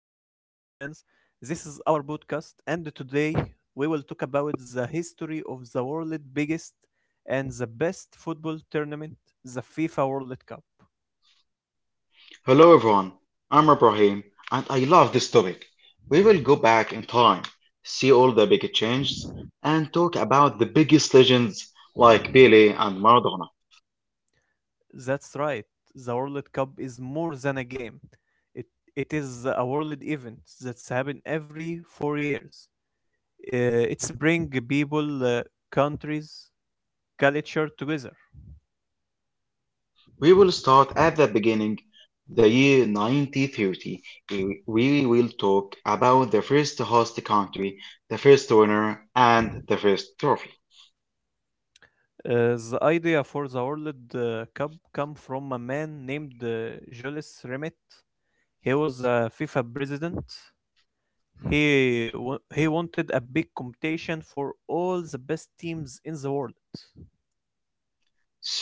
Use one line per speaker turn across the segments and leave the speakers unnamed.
fans. This is our podcast, and today we will talk about the history of the world's biggest and the best football tournament, the FIFA World Cup.
Hello everyone, I'm Ibrahim and I love this topic. We will go back in time, see all the big changes, and talk about the biggest legends like Pele and Maradona.
That's right, the World Cup is more than a game. It, it is a world event that's happened every four years. Uh, it's bring people, countries, culture together.
We will start at the beginning, the year 1930. We will talk about the first host country, the first winner, and the first trophy.
The idea for the World Cup came from a man named Jules Rimet. He was a FIFA president. He wanted a big competition for all the best teams in the world.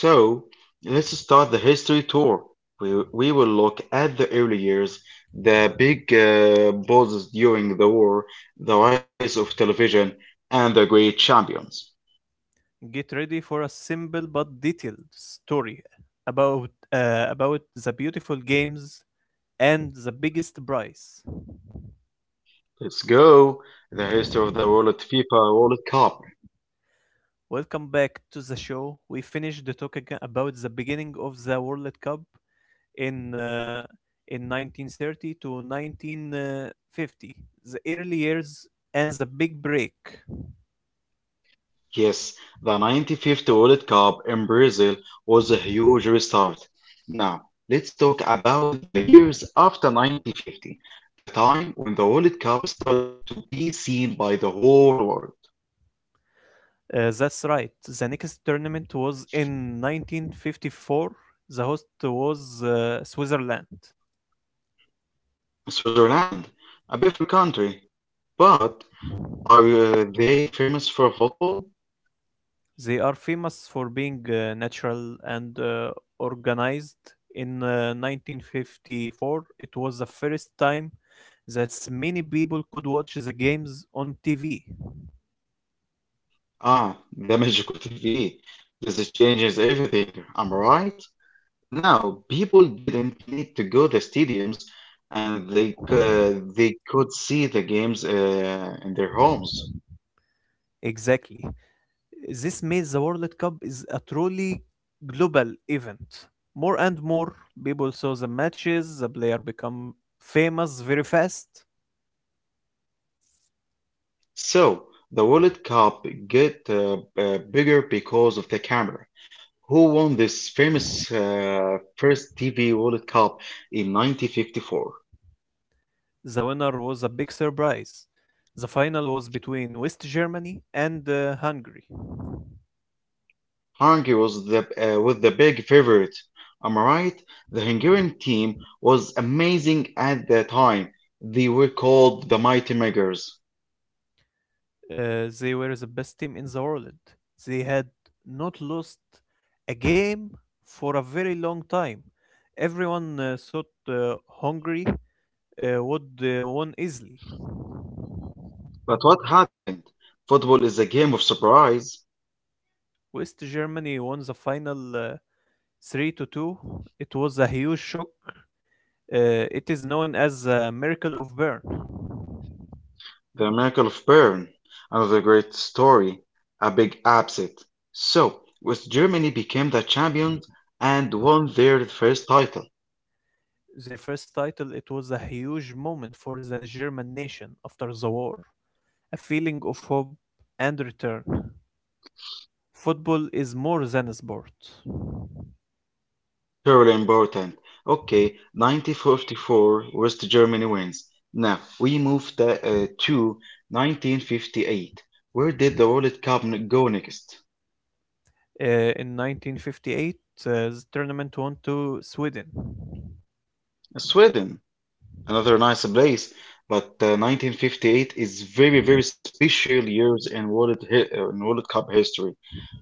So let's start the history tour. We will look at the early years, the big bosses during the war, the rise of television, and the great champions.
Get ready for a simple but detailed story about the beautiful games and the biggest prize.
Let's go. The history of the World FIFA World Cup.
Welcome back to the show. We finished the talk about the beginning of the World Cup in uh, in 1930 to 1950, the early years and the big break.
Yes, the 95th World Cup in Brazil was a huge restart. Now, let's talk about the years after 1950, the time when the World Cup started to be seen by the whole world.
That's right. The next tournament was in 1954. The host was Switzerland.
Switzerland, a beautiful country, but are they famous for football?
They are famous for being natural and organized. In 1954, it was the first time that many people could watch the games on TV.
Ah, the magic of TV. This changes everything, am I right? Now, people didn't need to go to stadiums and they could see the games in their homes.
Exactly. This made the World Cup is a truly global event. More and more people saw the matches, the player become famous very fast.
So, the World Cup get bigger because of the camera. Who won this famous first TV World Cup in 1954?
The winner was a big surprise. The final was between West Germany and Hungary.
Hungary was the big favorite. Am I right? The Hungarian team was amazing at that time. They were called the Mighty Makers.
They were the best team in the world. They had not lost a game for a very long time. Everyone thought Hungary would won easily.
But what happened? Football is a game of surprise.
West Germany won the final 3 to 2. It was a huge shock. It is known as the Miracle of Bern.
The miracle of Bern, another great story, a big upset. So, West Germany became the champions and won their first title.
Their first title, it was a huge moment for the German nation after the war, a feeling of hope and return. Football is more than a sport.
Terribly important. Okay, 1944, West Germany wins. Now, we move to 1958. Where did the World Cup go next?
In 1958, the tournament went to Sweden.
Sweden, another nice place, but 1958 is very, very special years in in World Cup history.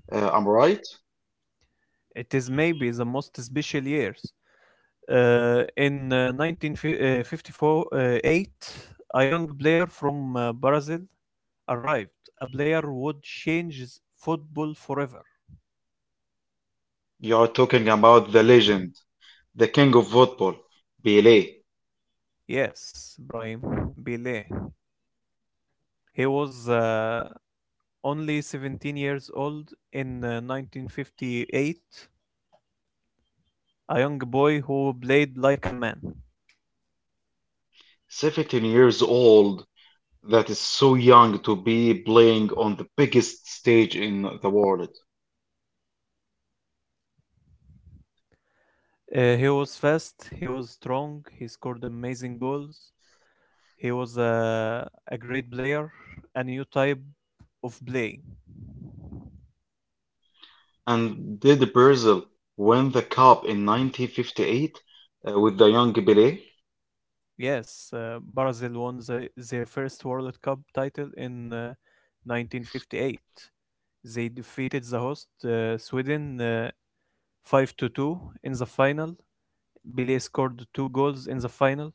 I'm right?
It is maybe the most special years. In 1954, eight, a young player from Brazil arrived. A player would change football forever.
You are talking about the legend, the king of football, Pelé.
Yes, Brahim Bile. He was only 17 years old in 1958, a young boy who played like a man.
17 years old, that is so young to be playing on the biggest stage in the world.
He was fast, he was strong, he scored amazing goals. He was a great player, a new type of play.
And did Brazil win the cup in 1958 with the young Pelé?
Yes, Brazil won the, their first World Cup title in 1958. They defeated the host Sweden 5 to 2 in the final. Pele scored two goals in the final.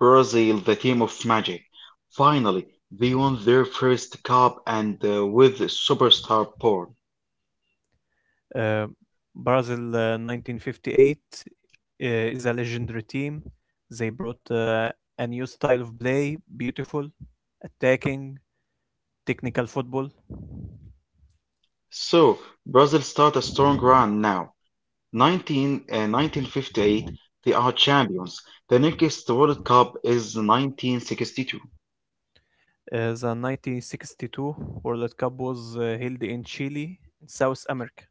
Brazil, the team of magic. Finally, they won their first cup and with superstar Paul.
Uh, Brazil 1958 is a legendary team. They brought a new style of play, beautiful, attacking, technical football.
So, Brazil start a strong run now. 1958, they are champions. The next World Cup is 1962.
The 1962 World Cup was held in Chile, South America.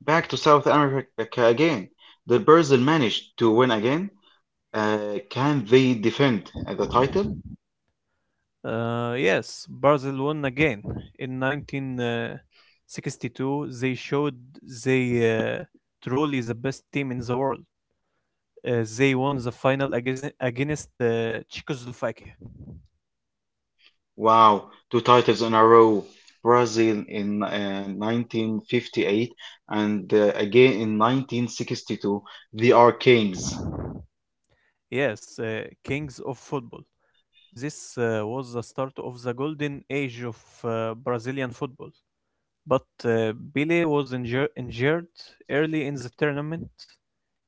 Back to South America again. The Brazil managed to win again? Can they defend the title?
Yes, Brazil won again. In 1962, they showed they truly the best team in the world. They won the final against Czechoslovakia.
Wow, two titles in a row. Brazil in 1958 and again in 1962. They are kings.
Yes, kings of football. This was the start of the golden age of Brazilian football. But Pele was injured early in the tournament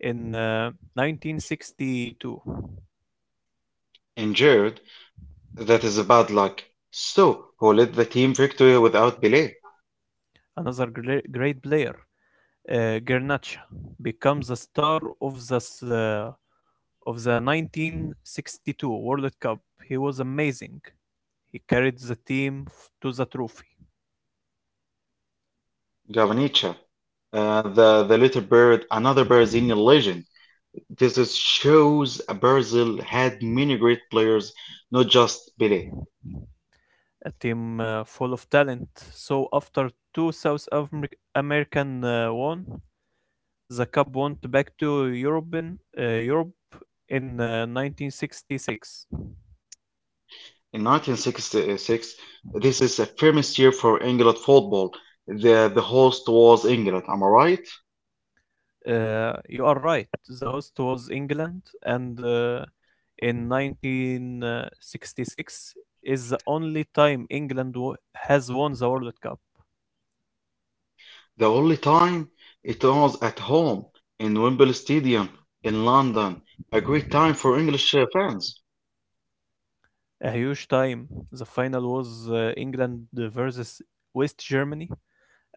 in 1962.
Injured, that is a bad luck. So, who led the team victory without Pelé?
Another great player Garnacha becomes a star of the 1962 World Cup. He was amazing. He carried the team to the trophy.
Gavancha, the little bird, another Brazilian legend. This is shows Brazil had many great players, not just Pelé.
A team full of talent. So after two South American won, the cup went back to Europe in 1966.
In 1966, this is a famous year for England football. The host was England, am I right?
You are right. The host was England, and in 1966 is the only time England has won the World Cup.
The only time it was at home in Wembley Stadium in London. A great time for English fans.
A huge time. The final was England versus West Germany.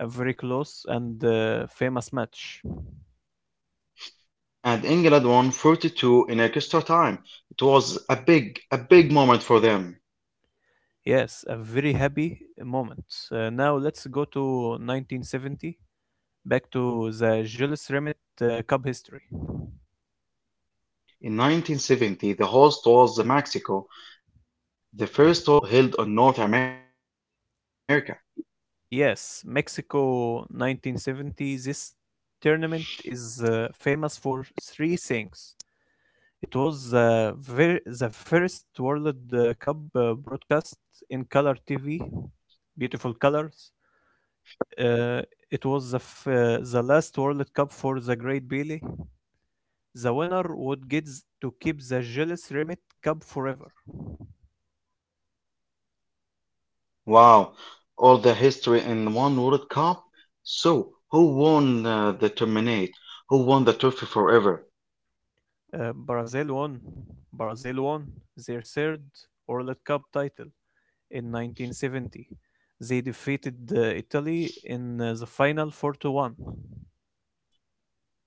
A very close and famous match.
And England won 32 in extra time. It was a big moment for them.
Yes, a very happy moment. Now let's go to 1970, back to the Jules Rimet Cup history.
In 1970, the host was the Mexico, the first World Cup held in North America.
Yes, Mexico 1970. This tournament is famous for three things. It was the first World Cup broadcast in color TV, beautiful colors. Uh, it was the last World Cup for the Great Bailey. The winner would to keep the Gilles Remit Cup forever.
Wow, all the history in one World Cup? So, who won the tournament? Who won the trophy forever?
Brazil won. Brazil won their third World Cup title in 1970. They defeated Italy in the final 4 to 1.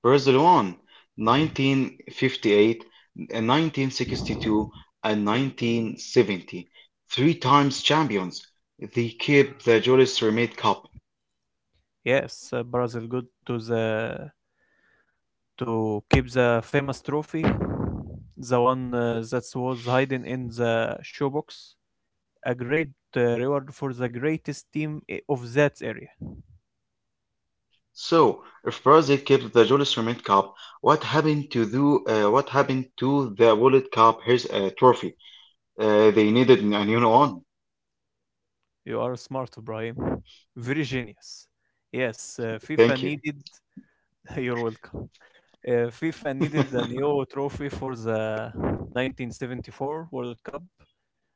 Brazil won 1958, and 1962, and 1970. Three times champions. They kept the Julius Remate Cup.
Yes, Brazil got to the to keep the famous trophy, the one that was hidden in the showbox, a great reward for the greatest team of that area.
So, if Brazil kept the Jules Rimet Cup, what happened to the World Cup here's a trophy? They needed a new one.
You are smart, Ibrahim. Very genius. Yes, FIFA
Thank you.
needed. You're welcome. FIFA needed a new trophy for the 1974 World Cup.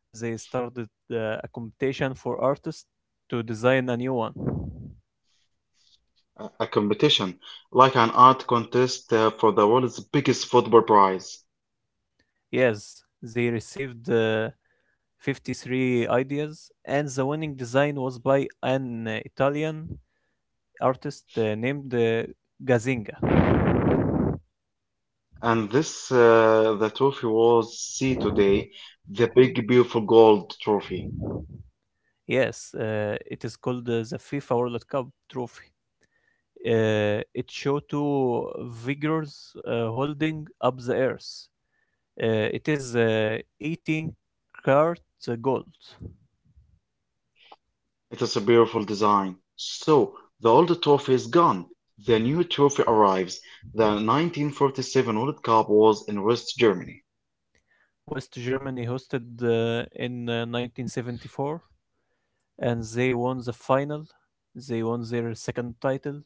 They started a competition for artists to design a new one.
A competition like an art contest for the world's biggest football prize.
Yes, they received 53 ideas, and the winning design was by an Italian artist named Gazinga.
And the trophy was see today, the big beautiful gold trophy.
Yes, it is called the FIFA World Cup trophy. It shows two figures holding up the earth. It is 18 karat gold.
It is a beautiful design. So the old trophy is gone. The new trophy arrives. The 1947 World Cup was in West Germany.
West Germany hosted in 1974 and they won the final. They won their second title.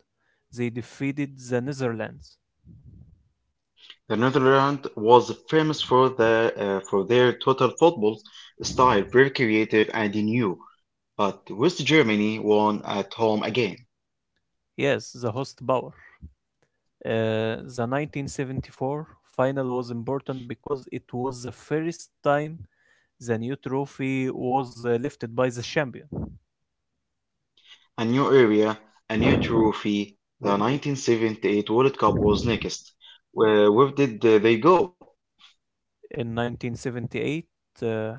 They defeated the Netherlands.
The Netherlands was famous for their total football style, very creative and new. But West Germany won at home again.
Yes, the host power. The 1974 final was important because it was the first time the new trophy was lifted by the champion.
A new area, a new trophy. The 1978 World Cup was next. Where did they go?
In 1978, uh,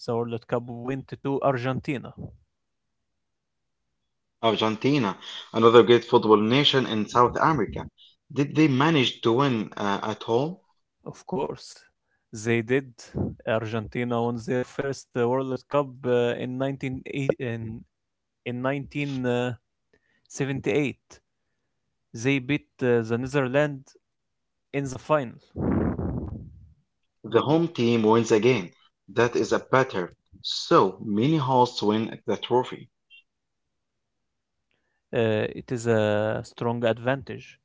the World Cup went to Argentina.
Argentina, another great football nation in South America. Did they manage to win at home?
Of course, they did. Argentina won their first World Cup uh, in 19 eight- in, in 1978. They beat the Netherlands in the final.
The home team wins again. That is a better. So many hosts win the trophy.
It is a strong advantage.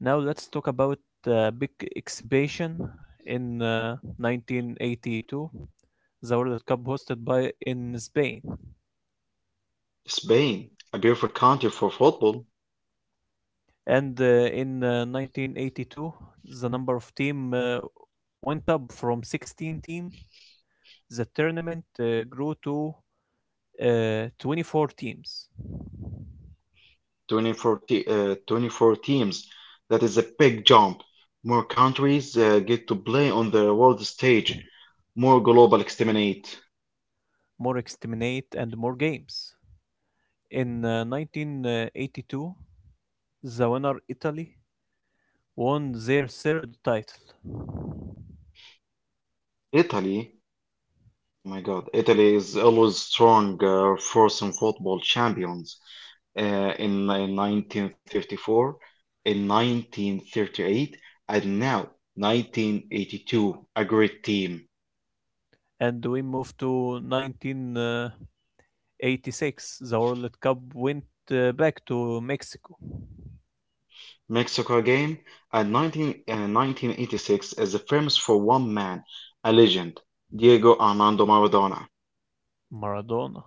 Now let's talk about the big exhibition in 1982, the World Cup hosted by in Spain.
Spain, a beautiful country for football,
And in 1982, the number of team went up from 16 team. The tournament grew to 24 teams,
24 teams. That is a big jump. More countries get to play on the world stage, more global exterminate.
more exterminate and more games. In 1982, the winner Italy won their third title.
Italy, Oh My God, Italy is always strong force in football champions. In 1954, in 1938, and now 1982, a great team.
And we move to 1986. The World Cup went back to Mexico.
Mexico again, and 1986 is famous for one man, a legend, Diego Armando Maradona.
Maradona,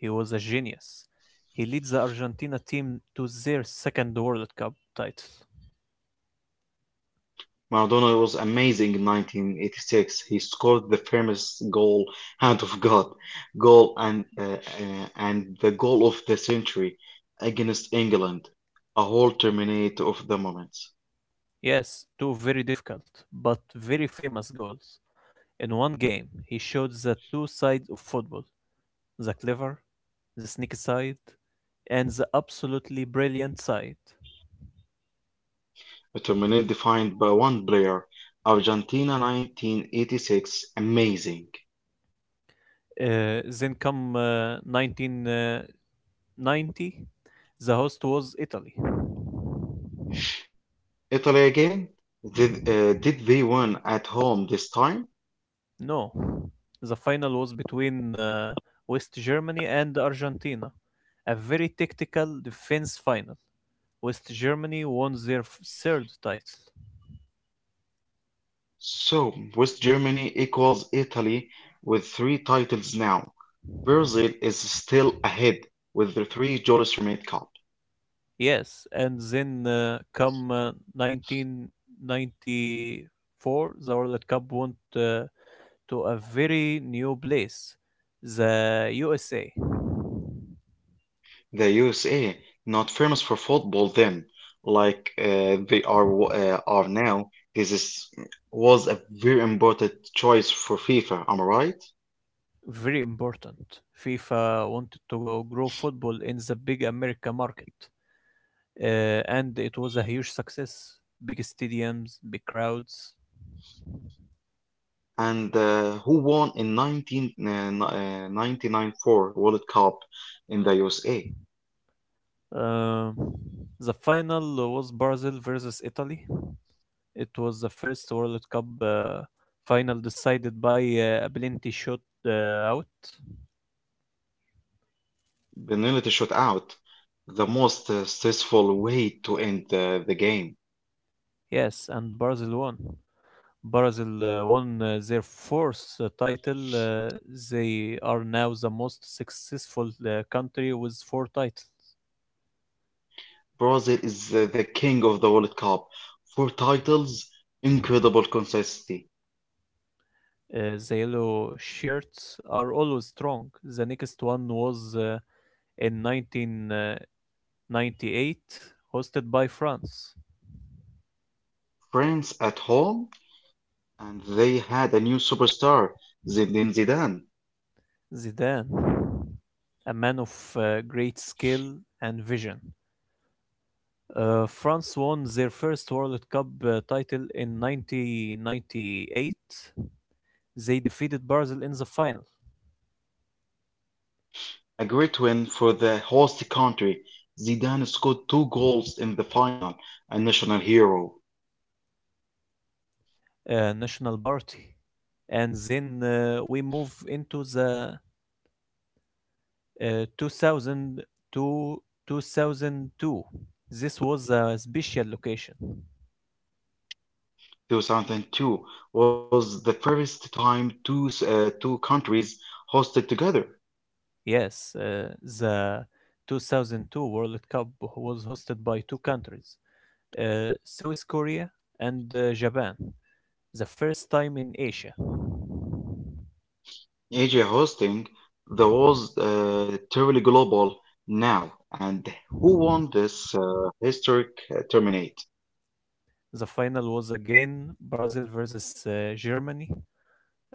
he was a genius. He leads the Argentina team to their second World Cup title.
Maradona was amazing in 1986. He scored the famous goal, hand of God, goal and the goal of the century against England, a whole terminate of the moments.
Yes, two very difficult but very famous goals. In one game, he showed the two sides of football, the clever, the sneaky side, and the absolutely brilliant side.
A terminate defined by one player. Argentina 1986, amazing.
Then come 1990, the host was Italy.
Italy again? Did they win at home this time?
No, the final was between West Germany and Argentina, a very tactical defense final. West Germany won their third title.
So, West Germany equals Italy with three titles now. Brazil is still ahead with the three goals remain cup.
Yes, and then come 1994, the World Cup went to a very new place, the USA.
The USA, not famous for football then, like they are now, this is was a very important choice for FIFA. Am I right?
Very important. FIFA wanted to grow football in the big America market, and it was a huge success. Big stadiums, big crowds.
And who won in 1999 World Cup in the USA?
Um the final was Brazil versus Italy. It was the first World Cup final decided by a plenty shot uh, out.
Penalty shootout, the most stressful way to end the game.
Yes, and Brazil won. Brazil won their fourth title. They are now the most successful country with four titles.
Brazil is the king of the World Cup. Four titles, incredible consistency.
The yellow shirts are always strong. The next one was in 1998, hosted by France.
France at home, and they had a new superstar, Zinedine Zidane.
Zidane, a man of great skill and vision. France won their first World Cup title in 1998. They defeated Brazil in the final.
A great win for the host country. Zidane scored two goals in the final, a national hero.
National Party. And then we move into the 2000 to 2002. This was a special location.
2002 was the first time two countries hosted together.
Yes, the 2002 World Cup was hosted by two countries, South Korea and Japan, the first time in Asia.
AJ hosting the was Terribly Global now, and who won this historic tournament?
The final was again Brazil versus Germany.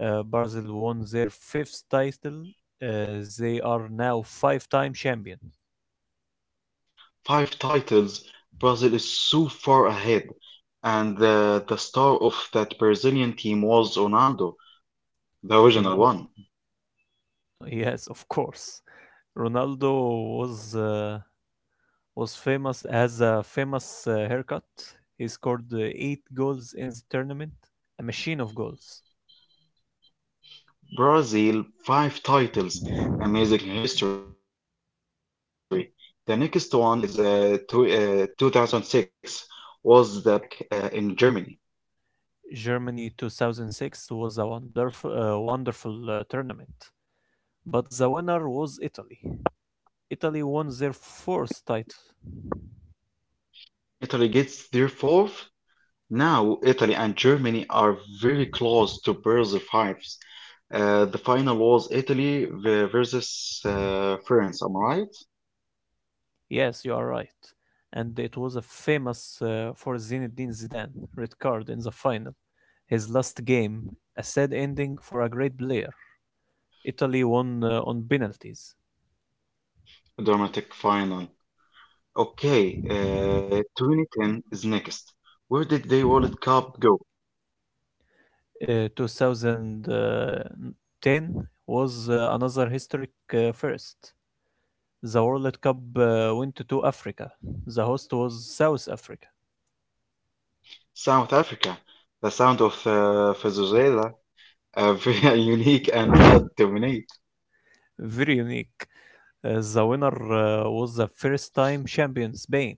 Brazil won their fifth title. They are now five-time champions.
Five titles. Brazil is so far ahead, and the star of that Brazilian team was Ronaldo, the original
Ronaldo,
one.
yes, of course. Ronaldo was uh, was famous as a famous haircut. He scored eight goals in the tournament, a machine of goals.
Brazil, five titles. Amazing history. The next one is 2006 was the back in Germany.
Germany 2006 was a wonderful tournament, but the winner was Italy. Italy won their first title.
Italy gets their fourth. Now Italy and Germany are very close to Brazil fives. The final was Italy versus France. Am I right?
Yes, you are right. And it was a famous for Zinedine Zidane red card in the final. His last game, a sad ending for a great player. Italy won on penalties.
Dramatic final. Okay, 2010 is next. Where did the World Cup go?
2010 was another historic first. The World Cup went to Africa. The host was South Africa.
South Africa. The sound of Vuvuzela, very unique and loud dominate.
Very unique. The winner was the first time champion Spain.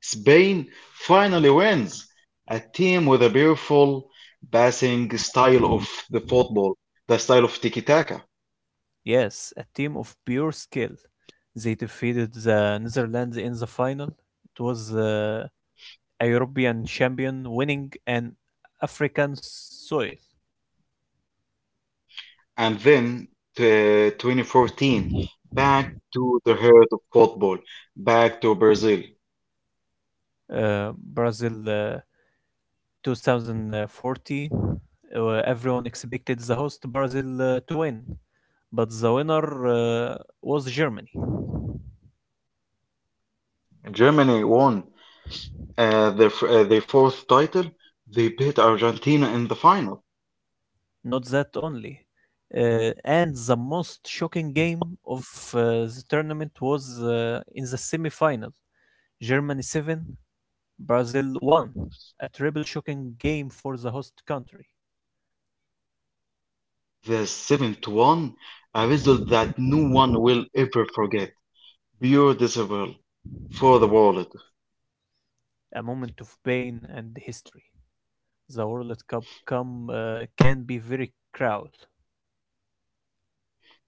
Spain finally wins. A team with a beautiful passing style of the football, the style of tiki-taka.
Yes, a team of pure skill. They defeated the Netherlands in the final. It was a European champion winning an African soil.
And then 2014, back to the heart of football, back to Brazil.
Uh, Brazil 2014, everyone expected the host Brazil to win, but the winner was Germany.
Germany won their fourth title. They beat Argentina in the final.
Not that only. And the most shocking game of the tournament was in the semi-final. Germany 7, Brazil 1. A triple shocking game for the host country.
The seventh one, a result that no one will ever forget. Pure disavowal for the wallet.
A moment of pain and history. The World Cup can be very cruel.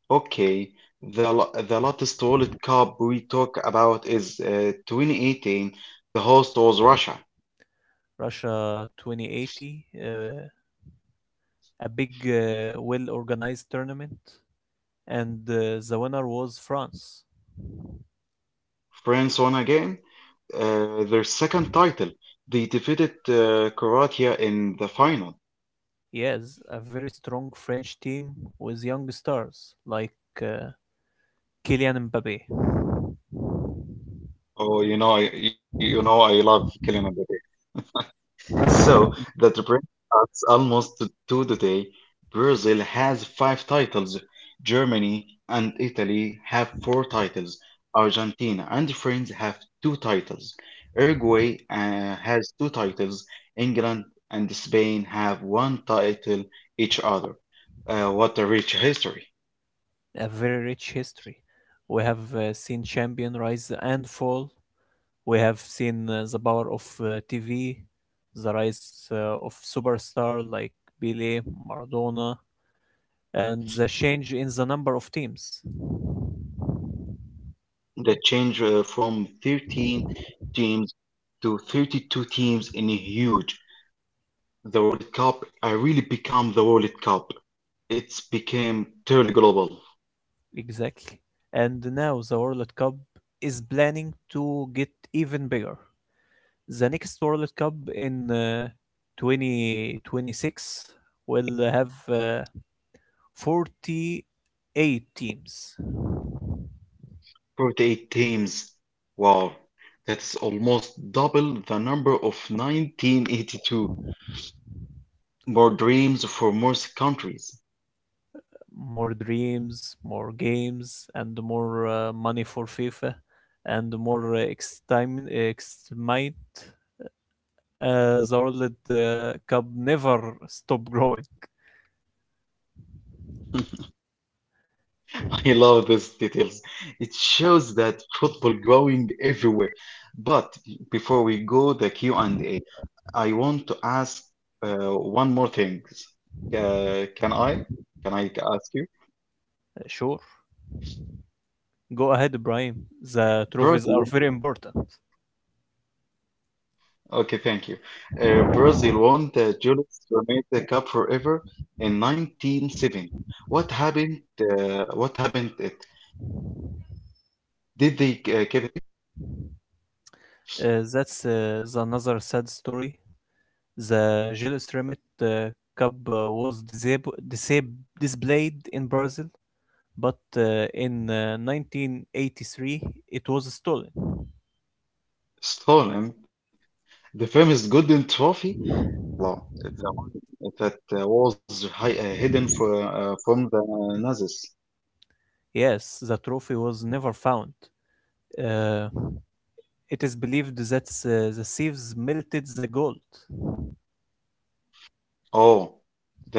Okay, the latest wallet cup we talk about is 2018. The host was Russia.
Russia 2080, a big, well organized tournament, and the winner was France.
France won again. Their second title. They defeated Croatia in the final.
Yes, a very strong French team with young stars like uh, Kylian Mbappe.
Oh, I love Kylian Mbappé. So that brings us almost to today. Brazil has five titles. Germany and Italy have four titles. Argentina and France have two titles. Uruguay has two titles. England and Spain have one title each other. What a rich history.
A very rich history. We have seen champion rise and fall. We have seen the power of TV, the rise of superstars like Pele, Maradona, and the change in the number of teams.
The change from 13 teams to 32 teams in a huge. The World Cup really become the World Cup. It became truly global.
Exactly. And now the World Cup is planning to get even bigger. The next World Cup in 2026 will have 48 teams.
48 teams. Wow, that's almost double the number of 1982 more dreams for most countries.
More dreams, more games, and more money for FIFA, and more excitement. The World Cup never stop growing.
I love these details. It shows that football growing everywhere. But before we go the q and A, I want to ask uh, one more thing. Can I? Can I ask you?
Sure, go ahead, Ibrahim. The trophies are very
Brazil
important.
Okay, thank you. Brazil won the Julius Bernays Cup forever in 1970. What happened? It did they keep it safe?
That's the another sad story. The Jules Rimet Cup was disab- disab- displayed in Brazil, but in 1983 it was stolen.
Stolen the famous golden trophy? Well, the one that was hi hidden from the Nazis.
Yes, the trophy was never found. Uh, it is believed that the thieves melted the gold.
Oh,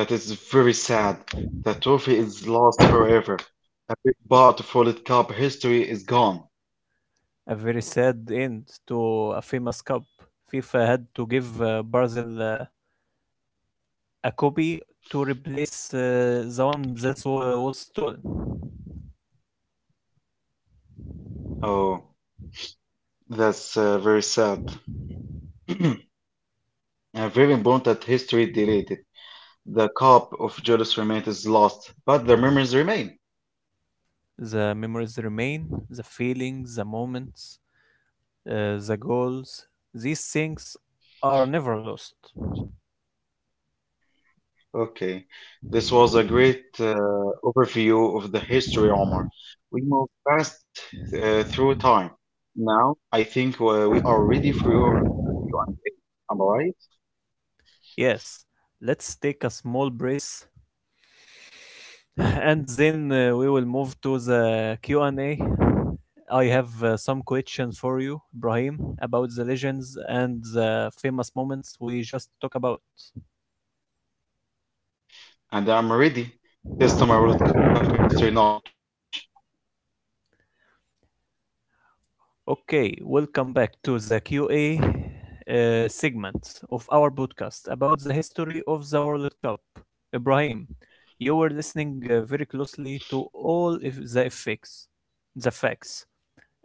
that is very sad. The trophy is lost forever. A big part of World Cup history is gone.
A very sad end to a famous cup. FIFA had to give Brazil a copy to replace the one that was stolen.
Oh, that's very sad. A very important history deleted. The cup of Julius remains is lost, but the memories remain.
The memories remain, the feelings, the moments, the goals. These things are never lost.
Okay, this was a great overview of the history, Omar. We move fast through time. Now, I think we are ready for your Q&A. Am I right?
Yes, let's take a small breath and then we will move to the Q&A. I have some questions for you, Ibrahim, about the legends and the famous moments we just talked about.
And I'm ready. Test my World Cup history knowledge.
Okay, welcome back to the QA segment of our podcast about the history of the World Cup. Ibrahim, you were listening very closely to all if the effects, the facts.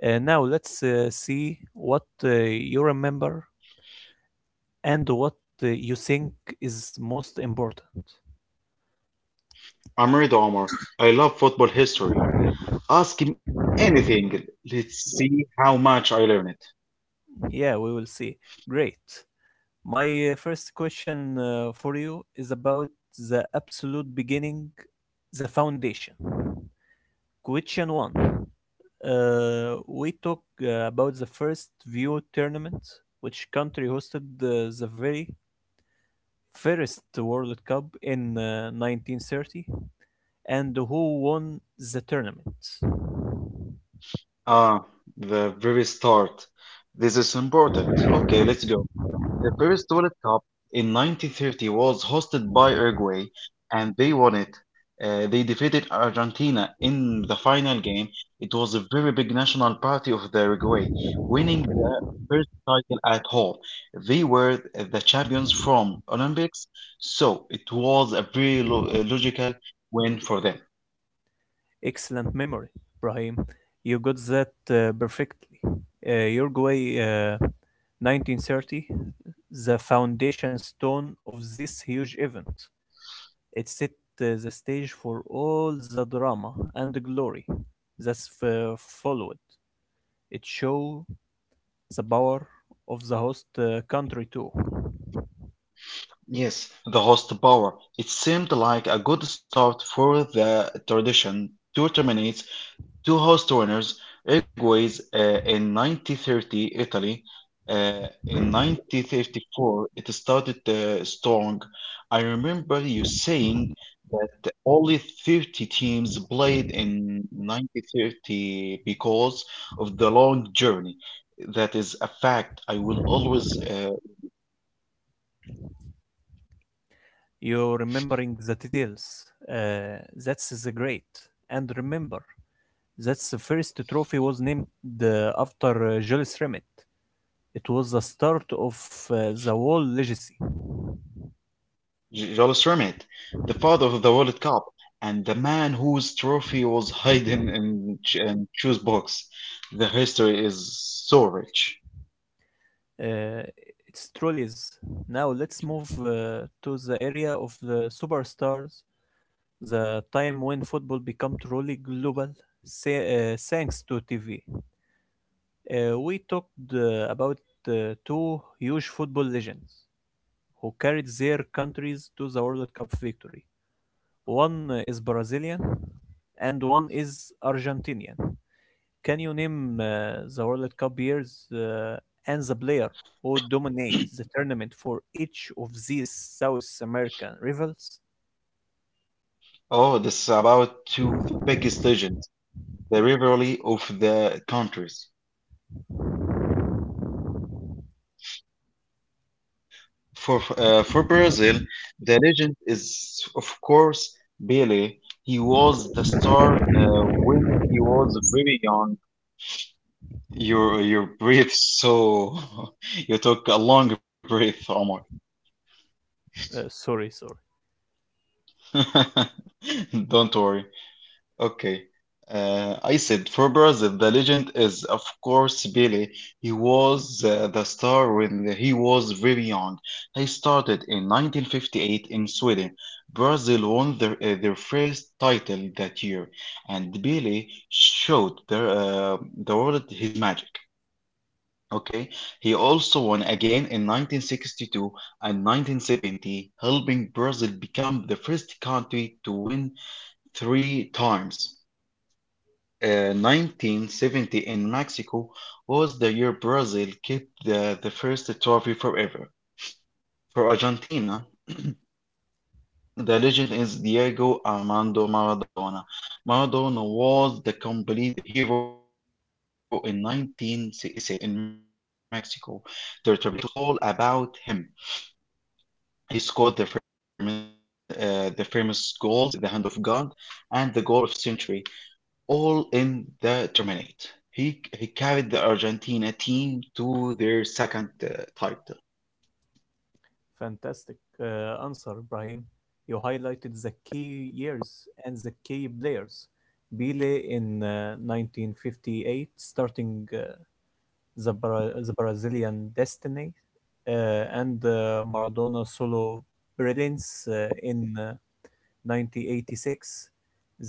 Now let's see what you remember and what you think is most important.
I'm ready, Omar. I love football history. Ask him anything. Let's see how much I learn it.
Yeah, we will see. Great. My first question for you is about the absolute beginning, the foundation. Question one. We talk about the first view tournament, which country hosted the very first World Cup in 1930, and who won the tournament.
Ah, the very start. This is important. Okay, let's go. The first World Cup in 1930 was hosted by Uruguay, and they won it. They defeated Argentina in the final game. It was a very big national party of the Uruguay, winning the first title at home. They were the champions from Olympics, so it was a very logical win for them.
Excellent memory, Brahim. You got that perfectly. Uruguay, 1930, the foundation stone of this huge event. It set the stage for all the drama and the glory that followed. It showed the power of the host country too.
Yes, the host power. It seemed like a good start for the tradition to terminate two host winners, Uruguay's in 1930, Italy in 1934, It started strong. I remember you saying that only 30 teams played in 1930 because of the long journey. That is a fact. I will always
You're remembering the details. That's the great. And remember, that's the first trophy was named after Jules Rimet. It was the start of uh, the whole legacy.
Jules Rimet, the father of the World Cup, and the man whose trophy was hidden in shoes box. The history is so rich.
Uh, it's truly is. Now let's move to the area of the superstars, the time when football became truly global, say, thanks to TV. We talked about uh, two huge football legends who carried their countries to the World Cup victory. One is Brazilian and one is Argentinian. Can you name the World Cup years and the player who dominate the tournament for each of these South American rivals?
Oh, this is about two of the biggest legends, the rivalry of the countries. For Brazil, the legend is of course Pelé. He was the star when he was very young. You breathe so you took a long breath, Omar.
Sorry, sorry.
Don't worry. Okay. I said for Brazil, the legend is, of course, Pelé. He was the star when he was very young. He started in 1958 in Sweden. Brazil won their first title that year, and Pelé showed the world his magic. Okay, he also won again in 1962 and 1970, helping Brazil become the first country to win three times. 1970 in Mexico was the year Brazil kept the first trophy forever. For Argentina, the legend is Diego Armando Maradona. Maradona was the complete hero in 1986 in Mexico. The tournament was all about him. He scored the famous goals, the hand of God, and the goal of century. All in the tournament. He carried the Argentina team to their second title.
Fantastic answer, Brahim. You highlighted the key years and the key players. Bele in 1958, starting the Brazilian destiny, uh, and Maradona solo brilliance in 1986.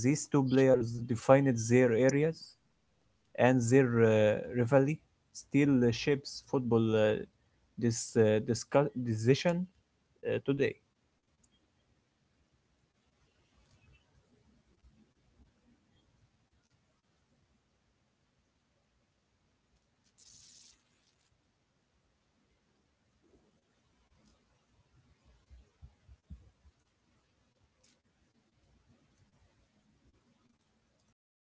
These two players defined their areas and their rivalry still shapes football this decision today.
It's amazing how one player can make a whole tournament feel different. Pelé was a pure joy, speed, and skill. Maradona was a pure, well, a genius and the drama both made their country